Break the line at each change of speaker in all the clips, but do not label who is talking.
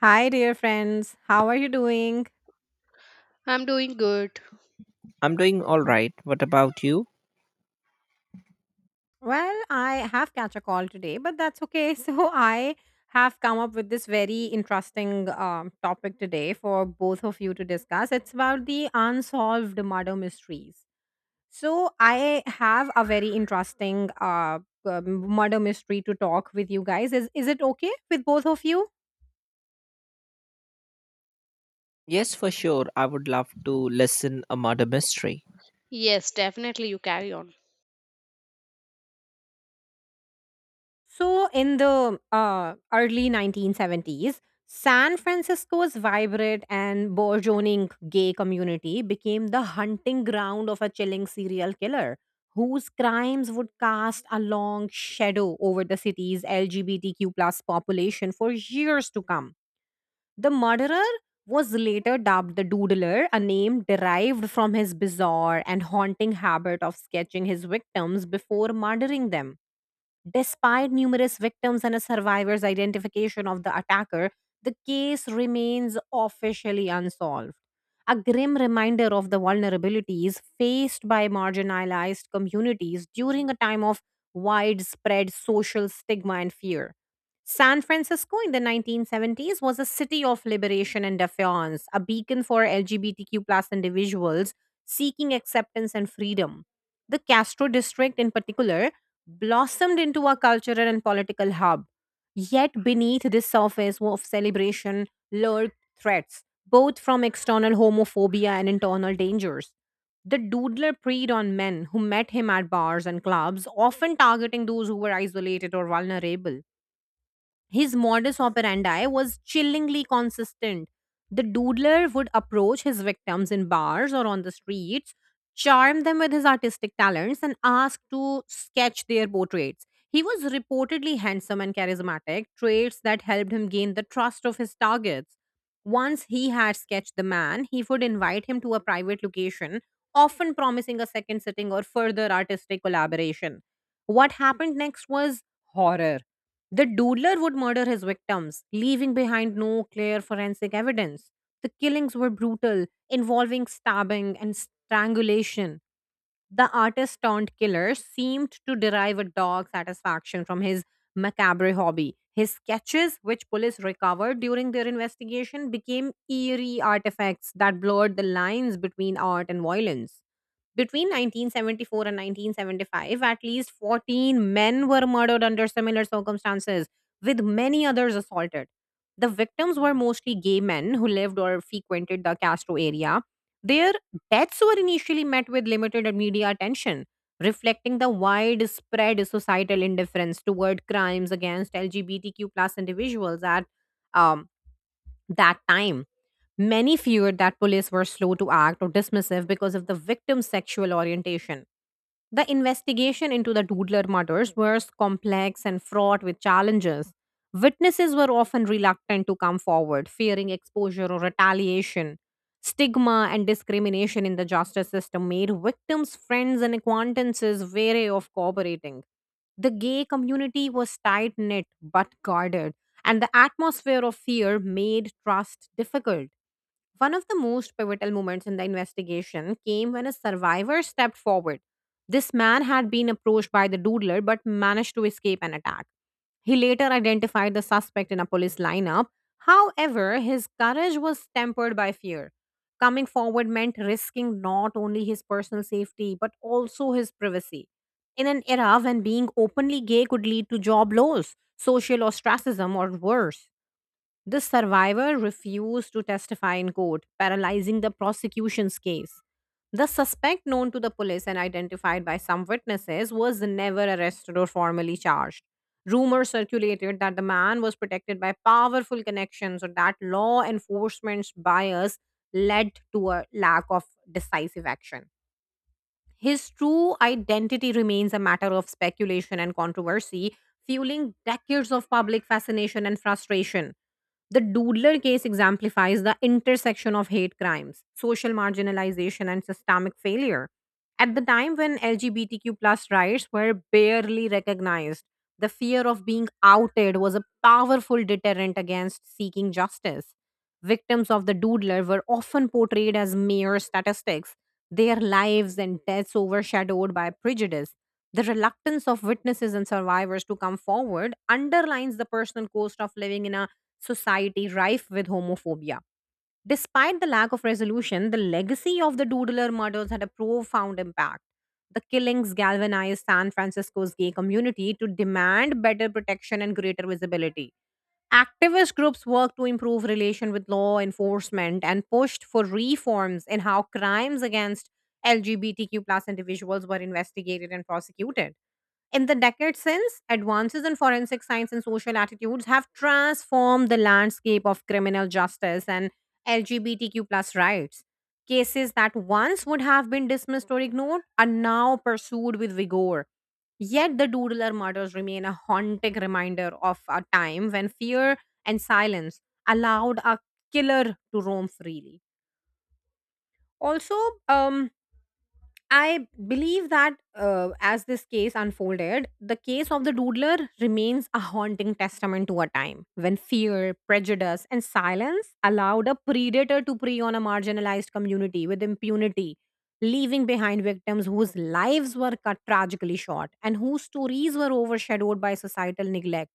Hi, dear friends. How are you doing?
I'm doing good.
I'm doing all right. What about you?
Well, I have catch a call today, but that's okay. So I have come up with this very interesting topic today for both of you to discuss. It's about the unsolved murder mysteries. So I have a very interesting murder mystery to talk with you guys. Is it okay with both of you?
Yes, for sure. I would love to listen a murder mystery.
Yes, definitely you carry on.
So, in the early 1970s, San Francisco's vibrant and burgeoning gay community became the hunting ground of a chilling serial killer whose crimes would cast a long shadow over the city's LGBTQ plus population for years to come. The murderer was later dubbed the Doodler, a name derived from his bizarre and haunting habit of sketching his victims before murdering them. Despite numerous victims and a survivor's identification of the attacker, the case remains officially unsolved. A grim reminder of the vulnerabilities faced by marginalized communities during a time of widespread social stigma and fear. San Francisco in the 1970s was a city of liberation and defiance, a beacon for LGBTQ plus individuals seeking acceptance and freedom. The Castro district, in particular, blossomed into a cultural and political hub. Yet beneath this surface of celebration lurked threats, both from external homophobia and internal dangers. The doodler preyed on men who met him at bars and clubs, often targeting those who were isolated or vulnerable. His modus operandi was chillingly consistent. The doodler would approach his victims in bars or on the streets, charm them with his artistic talents, and ask to sketch their portraits. He was reportedly handsome and charismatic, traits that helped him gain the trust of his targets. Once he had sketched the man, he would invite him to a private location, often promising a second sitting or further artistic collaboration. What happened next was horror. The doodler would murder his victims, leaving behind no clear forensic evidence. The killings were brutal, involving stabbing and strangulation. The artist turned killer seemed to derive a dog satisfaction from his macabre hobby. His sketches, which police recovered during their investigation, became eerie artifacts that blurred the lines between art and violence. Between 1974 and 1975, at least 14 men were murdered under similar circumstances, with many others assaulted. The victims were mostly gay men who lived or frequented the Castro area. Their deaths were initially met with limited media attention, reflecting the widespread societal indifference toward crimes against LGBTQ plus individuals at um, that time. Many feared that police were slow to act or dismissive because of the victim's sexual orientation. The investigation into the Doodler murders was complex and fraught with challenges. Witnesses were often reluctant to come forward, fearing exposure or retaliation. Stigma and discrimination in the justice system made victims' friends and acquaintances wary of cooperating. The gay community was tight knit but guarded, and the atmosphere of fear made trust difficult. One of the most pivotal moments in the investigation came when a survivor stepped forward. This man had been approached by the doodler but managed to escape an attack. He later identified the suspect in a police lineup. However, his courage was tempered by fear. Coming forward meant risking not only his personal safety but also his privacy. In an era when being openly gay could lead to job loss, social ostracism, or worse. The survivor refused to testify in court, paralyzing the prosecution's case. The suspect, known to the police and identified by some witnesses, was never arrested or formally charged. Rumors circulated that the man was protected by powerful connections or that law enforcement's bias led to a lack of decisive action. His true identity remains a matter of speculation and controversy, fueling decades of public fascination and frustration. The Doodler case exemplifies the intersection of hate crimes, social marginalization, and systemic failure. At the time when LGBTQ plus rights were barely recognized, the fear of being outed was a powerful deterrent against seeking justice. Victims of the Doodler were often portrayed as mere statistics, their lives and deaths overshadowed by prejudice. The reluctance of witnesses and survivors to come forward underlines the personal cost of living in a society rife with homophobia. Despite the lack of resolution, the legacy of the Doodler murders had a profound impact. The killings galvanized San Francisco's gay community to demand better protection and greater visibility. Activist groups worked to improve relation with law enforcement and pushed for reforms in how crimes against LGBTQ plus individuals were investigated and prosecuted. In the decades since, advances in forensic science and social attitudes have transformed the landscape of criminal justice and LGBTQ plus rights. Cases that once would have been dismissed or ignored are now pursued with vigor. Yet the doodler murders remain a haunting reminder of a time when fear and silence allowed a killer to roam freely. Also, um, I believe that as this case unfolded, the case of the doodler remains a haunting testament to a time when fear, prejudice, and silence allowed a predator to prey on a marginalized community with impunity, leaving behind victims whose lives were cut tragically short and whose stories were overshadowed by societal neglect.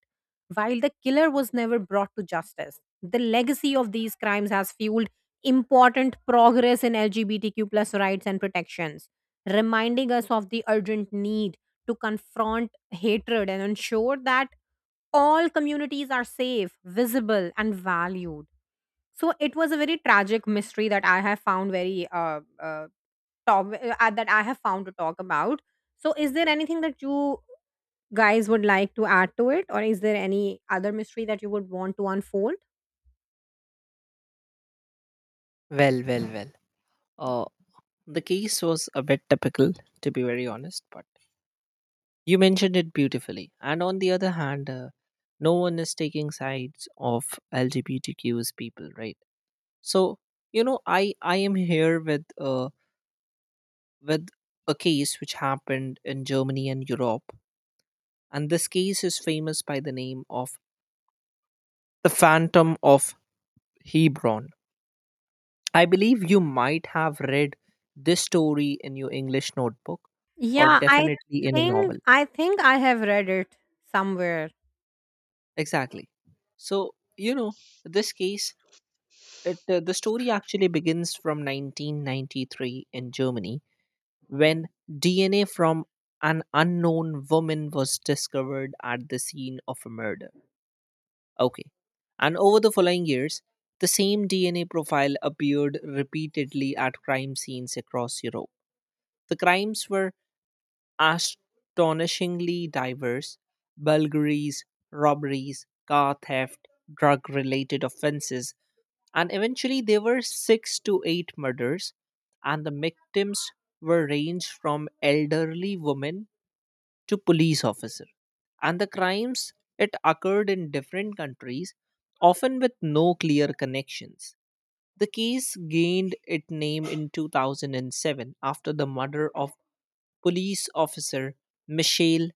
While the killer was never brought to justice, the legacy of these crimes has fueled important progress in LGBTQ plus rights and protections reminding us of the urgent need to confront hatred and ensure that all communities are safe, visible, and valued. So it was a very tragic mystery that I have found very that I have found to talk about. So is there anything that you guys would like to add to it, or is there any other mystery that you would want to unfold?
Well, well, well. Uh, the case was a bit typical, to be very honest, but you mentioned it beautifully. And on the other hand, no one is taking sides of LGBTQs people, right? So you know, I am here with a case which happened in Germany and Europe, and this case is famous by the name of the Phantom of Hebron. I believe you might have read this story in your English notebook or
Yeah, I
definitely in a
think
novel.
I think I have read it somewhere.
Exactly. So, you know, this case, the story actually begins from 1993 in Germany when DNA from an unknown woman was discovered at the scene of a murder. Okay. And over the following years, the same DNA profile appeared repeatedly at crime scenes across Europe. The crimes were astonishingly diverse: burglaries, robberies, car theft, drug related offenses, and eventually there were six to eight murders, and the victims were ranged from elderly women to police officers. And the crimes it occurred in different countries, often with no clear connections. The case gained its name in 2007 after the murder of police officer Michelle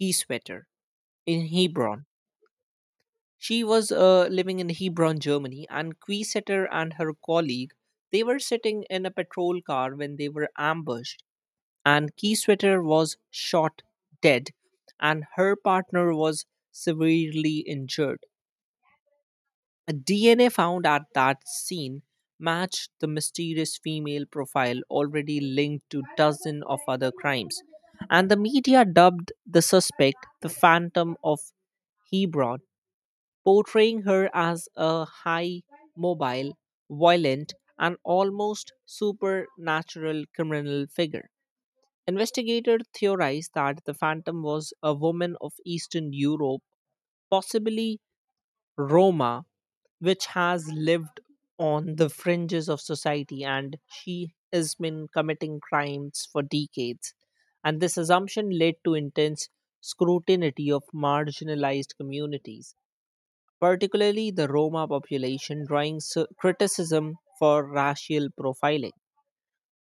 Kiesewetter in Hebron. She was living in Hebron, Germany, and Kiesewetter and her colleague they were sitting in a patrol car when they were ambushed, and Kiesewetter was shot dead, and her partner was severely injured. A DNA found at that scene matched the mysterious female profile already linked to dozens of other crimes, and the media dubbed the suspect the Phantom of Hebron, portraying her as a high mobile, violent, and almost supernatural criminal figure. Investigators theorized that the phantom was a woman of Eastern Europe, possibly Roma, which has lived on the fringes of society, and she has been committing crimes for decades. And this assumption led to intense scrutiny of marginalized communities, particularly the Roma population, drawing criticism for racial profiling.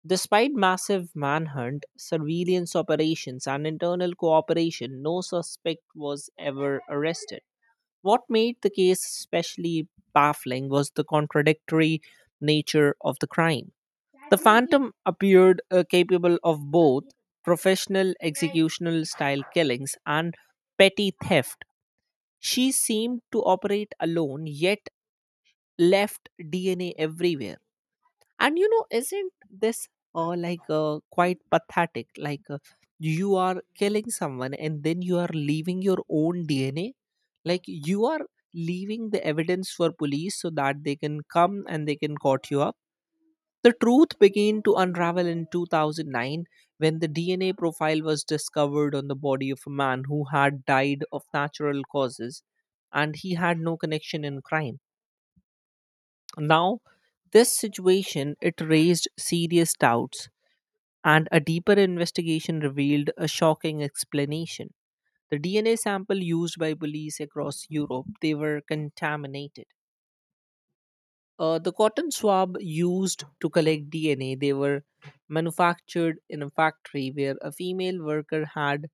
Despite massive manhunt, surveillance operations, and internal cooperation, no suspect was ever arrested. What made the case especially baffling was the contradictory nature of the crime. The Phantom appeared capable of both professional executional style killings and petty theft. She seemed to operate alone, yet left DNA everywhere. And you know, isn't this quite pathetic? You are killing someone and then you are leaving your own DNA. Like you are leaving the evidence for police so that they can come and they can caught you up. The truth began to unravel in 2009 when the DNA profile was discovered on the body of a man who had died of natural causes and he had no connection in crime. Now, this situation it raised serious doubts, and a deeper investigation revealed a shocking explanation. The DNA sample used by police across Europe they were contaminated. The cotton swab used to collect DNA they were manufactured in a factory where a female worker had,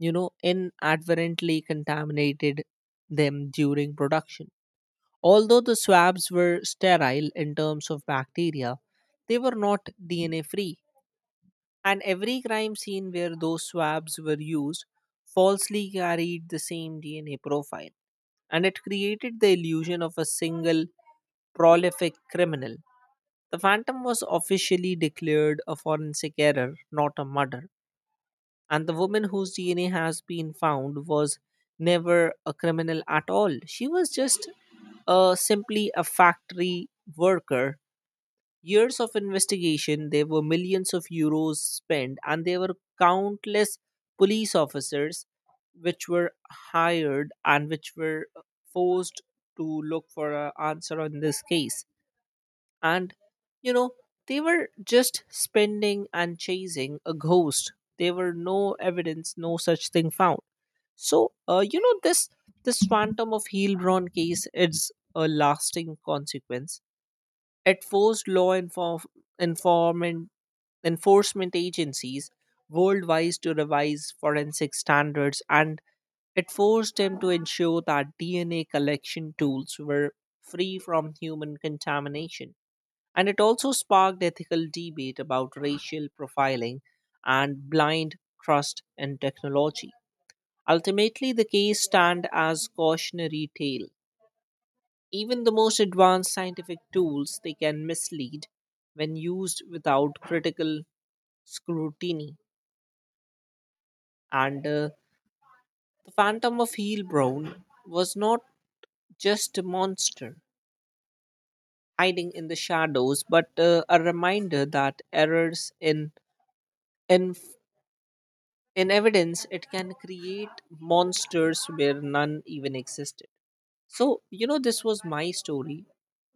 you know, inadvertently contaminated them during production. Although the swabs were sterile in terms of bacteria, they were not DNA free, and every crime scene where those swabs were used falsely carried the same DNA profile, and it created the illusion of a single prolific criminal. The phantom was officially declared a forensic error, not a murder, and the woman whose DNA has been found was never a criminal at all. She was just simply a factory worker. Years of investigation, there were millions of euros spent, and there were countless police officers which were hired and which were forced to look for an answer on this case. And, you know, they were just spending and chasing a ghost. There were no evidence, no such thing found. So, you know, this Phantom of Heilbronn case is a lasting consequence. It forced informant enforcement agencies worldwide to revise forensic standards, and it forced them to ensure that DNA collection tools were free from human contamination. And it also sparked ethical debate about racial profiling and blind trust in technology. Ultimately, the case stand as cautionary tale. Even the most advanced scientific tools they can mislead when used without critical scrutiny. And the Phantom of Heilbronn was not just a monster hiding in the shadows, but a reminder that errors in inf- In evidence, it can create monsters where none even existed. So, you know, this was my story,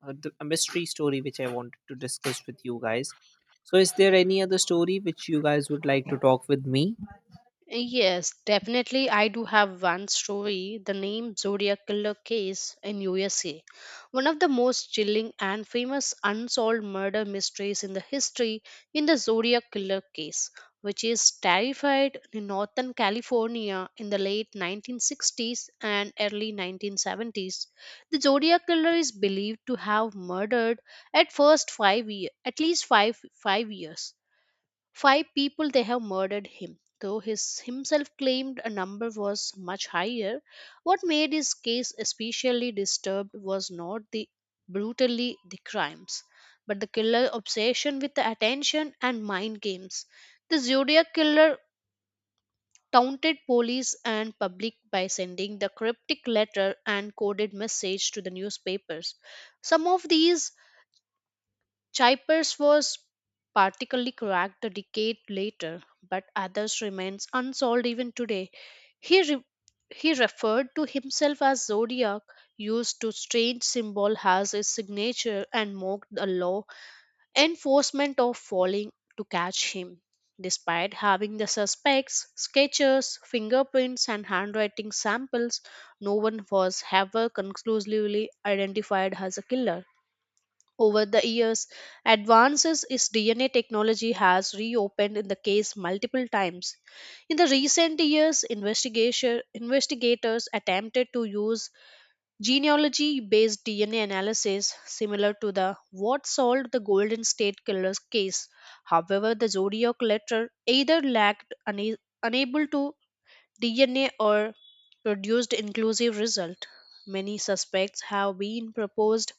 a mystery story which I wanted to discuss with you guys. So, is there any other story which you guys would like to talk with me?
Yes, definitely I do have one story, the name Zodiac Killer case in USA. One of the most chilling and famous unsolved murder mysteries in the history in the Zodiac Killer case, which is terrified in Northern California in the late 1960s and early 1970s. The Zodiac Killer is believed to have murdered at first 5 year, at least 5 years Five people they have murdered him, though his himself claimed a number was much higher. What made his case especially disturbed was not the brutally the crimes, but the killer obsession with the attention and mind games. The Zodiac Killer taunted police and public by sending the cryptic letter and coded message to the newspapers. Some of these Chippers was particularly cracked a decade later, but others remains unsolved even today. He re- he referred to himself as Zodiac, used to strange symbol as his signature, and mocked the law enforcement of falling to catch him. Despite having the suspects, sketches, fingerprints, and handwriting samples, no one was ever conclusively identified as a killer. Over the years, advances in DNA technology has reopened in the case multiple times. In the recent years, investigators attempted to use genealogy-based DNA analysis similar to the what solved the Golden State Killers case. However, the Zodiac letter either unable to DNA or produced inclusive result. Many suspects have been proposed,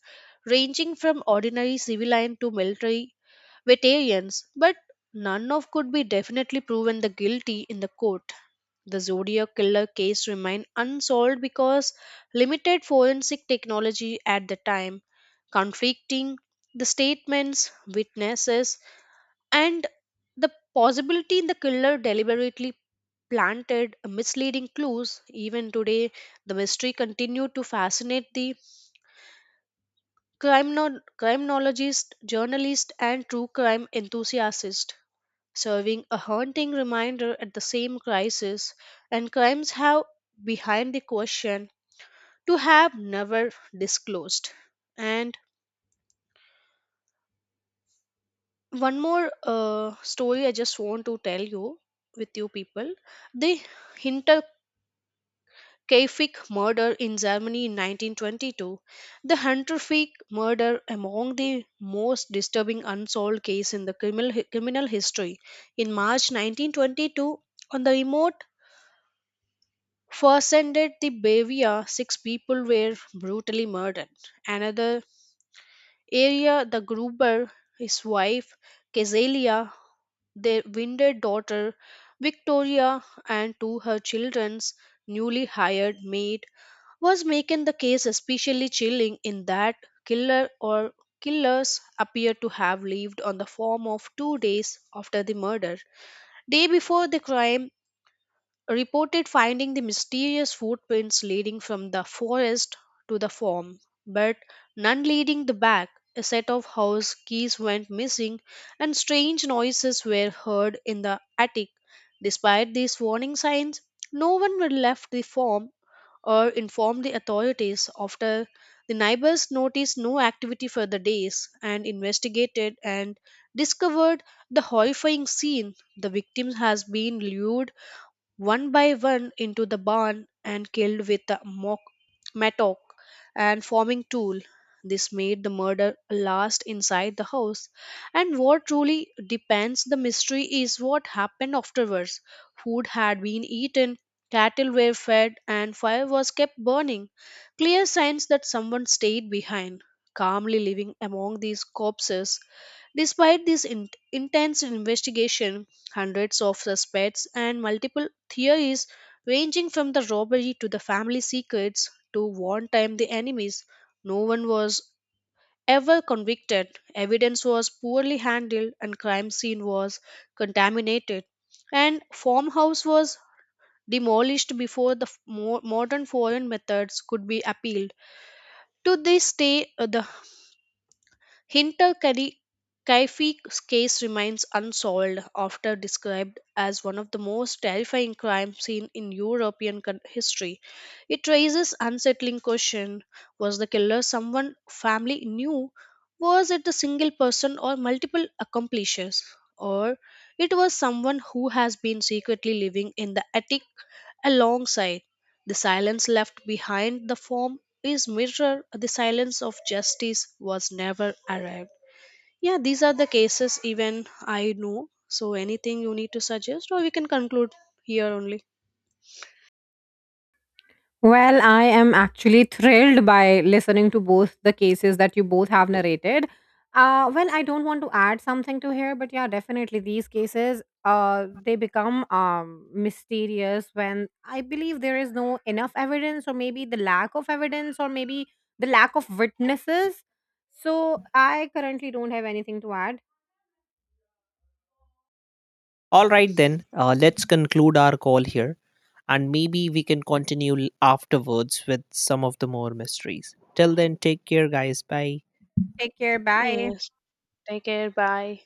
ranging from ordinary civilian to military veterans, but none of could be definitely proven the guilty in the court. The Zodiac killer case remained unsolved because limited forensic technology at the time, conflicting the statements, witnesses, and the possibility the killer deliberately planted misleading clues. Even today, the mystery continued to fascinate the criminologist, journalist, and true crime enthusiast, serving a haunting reminder at the same crisis and crimes have behind the question to have never disclosed. And one more story I just want to tell you with you people. The Hinter Kaifik murder in Germany in 1922. The Hunterfic murder among the most disturbing unsolved case in the criminal history. In March 1922, on the remote Fawcett, the Bavia, 6 people were brutally murdered. Another area, the Gruber, his wife, Kezelia, their wounded daughter, Victoria, and two her children's newly hired maid was making the case especially chilling in that killer or killers appear to have lived on the form of 2 days after the murder. Day before the crime, reported finding the mysterious footprints leading from the forest to the farm, but none leading the back. A set of house keys went missing, and strange noises were heard in the attic. Despite these warning signs, no one had left the farm or inform the authorities after the neighbors noticed no activity for the days and investigated and discovered the horrifying scene the victim has been lured one by one into the barn and killed with a mattock and forming tool. This made the murder last inside the house. And what truly depends the mystery is what happened afterwards. Food had been eaten, cattle were fed, and fire was kept burning. Clear signs that someone stayed behind, calmly living among these corpses. Despite this intense investigation, hundreds of suspects, and multiple theories ranging from the robbery to the family secrets to one time the enemies. No one was ever convicted, evidence was poorly handled, and crime scene was contaminated. And farmhouse was demolished before the modern foreign methods could be appealed. To this day, the Hinter Kaifi's case remains unsolved after described as one of the most terrifying crime scenes in European history. It raises unsettling question was the killer someone family knew, was it a single person or multiple accomplices, or it was someone who has been secretly living in the attic alongside the silence left behind the form is mirror the silence of justice was never arrived. Yeah, these are the cases even I know. So anything you need to suggest or we can conclude here only?
Well, I am actually thrilled by listening to both the cases that you both have narrated. Well, I don't want to add something to here, but yeah, definitely these cases, they become mysterious when I believe there is no enough evidence, or maybe the lack of evidence, or maybe the lack of witnesses. So I currently don't have anything to add.
All right, then, let's conclude our call here and maybe we can continue afterwards with some of the more mysteries. Till then, take care, guys. Bye.
Take care. Bye.
Yes, take care, bye.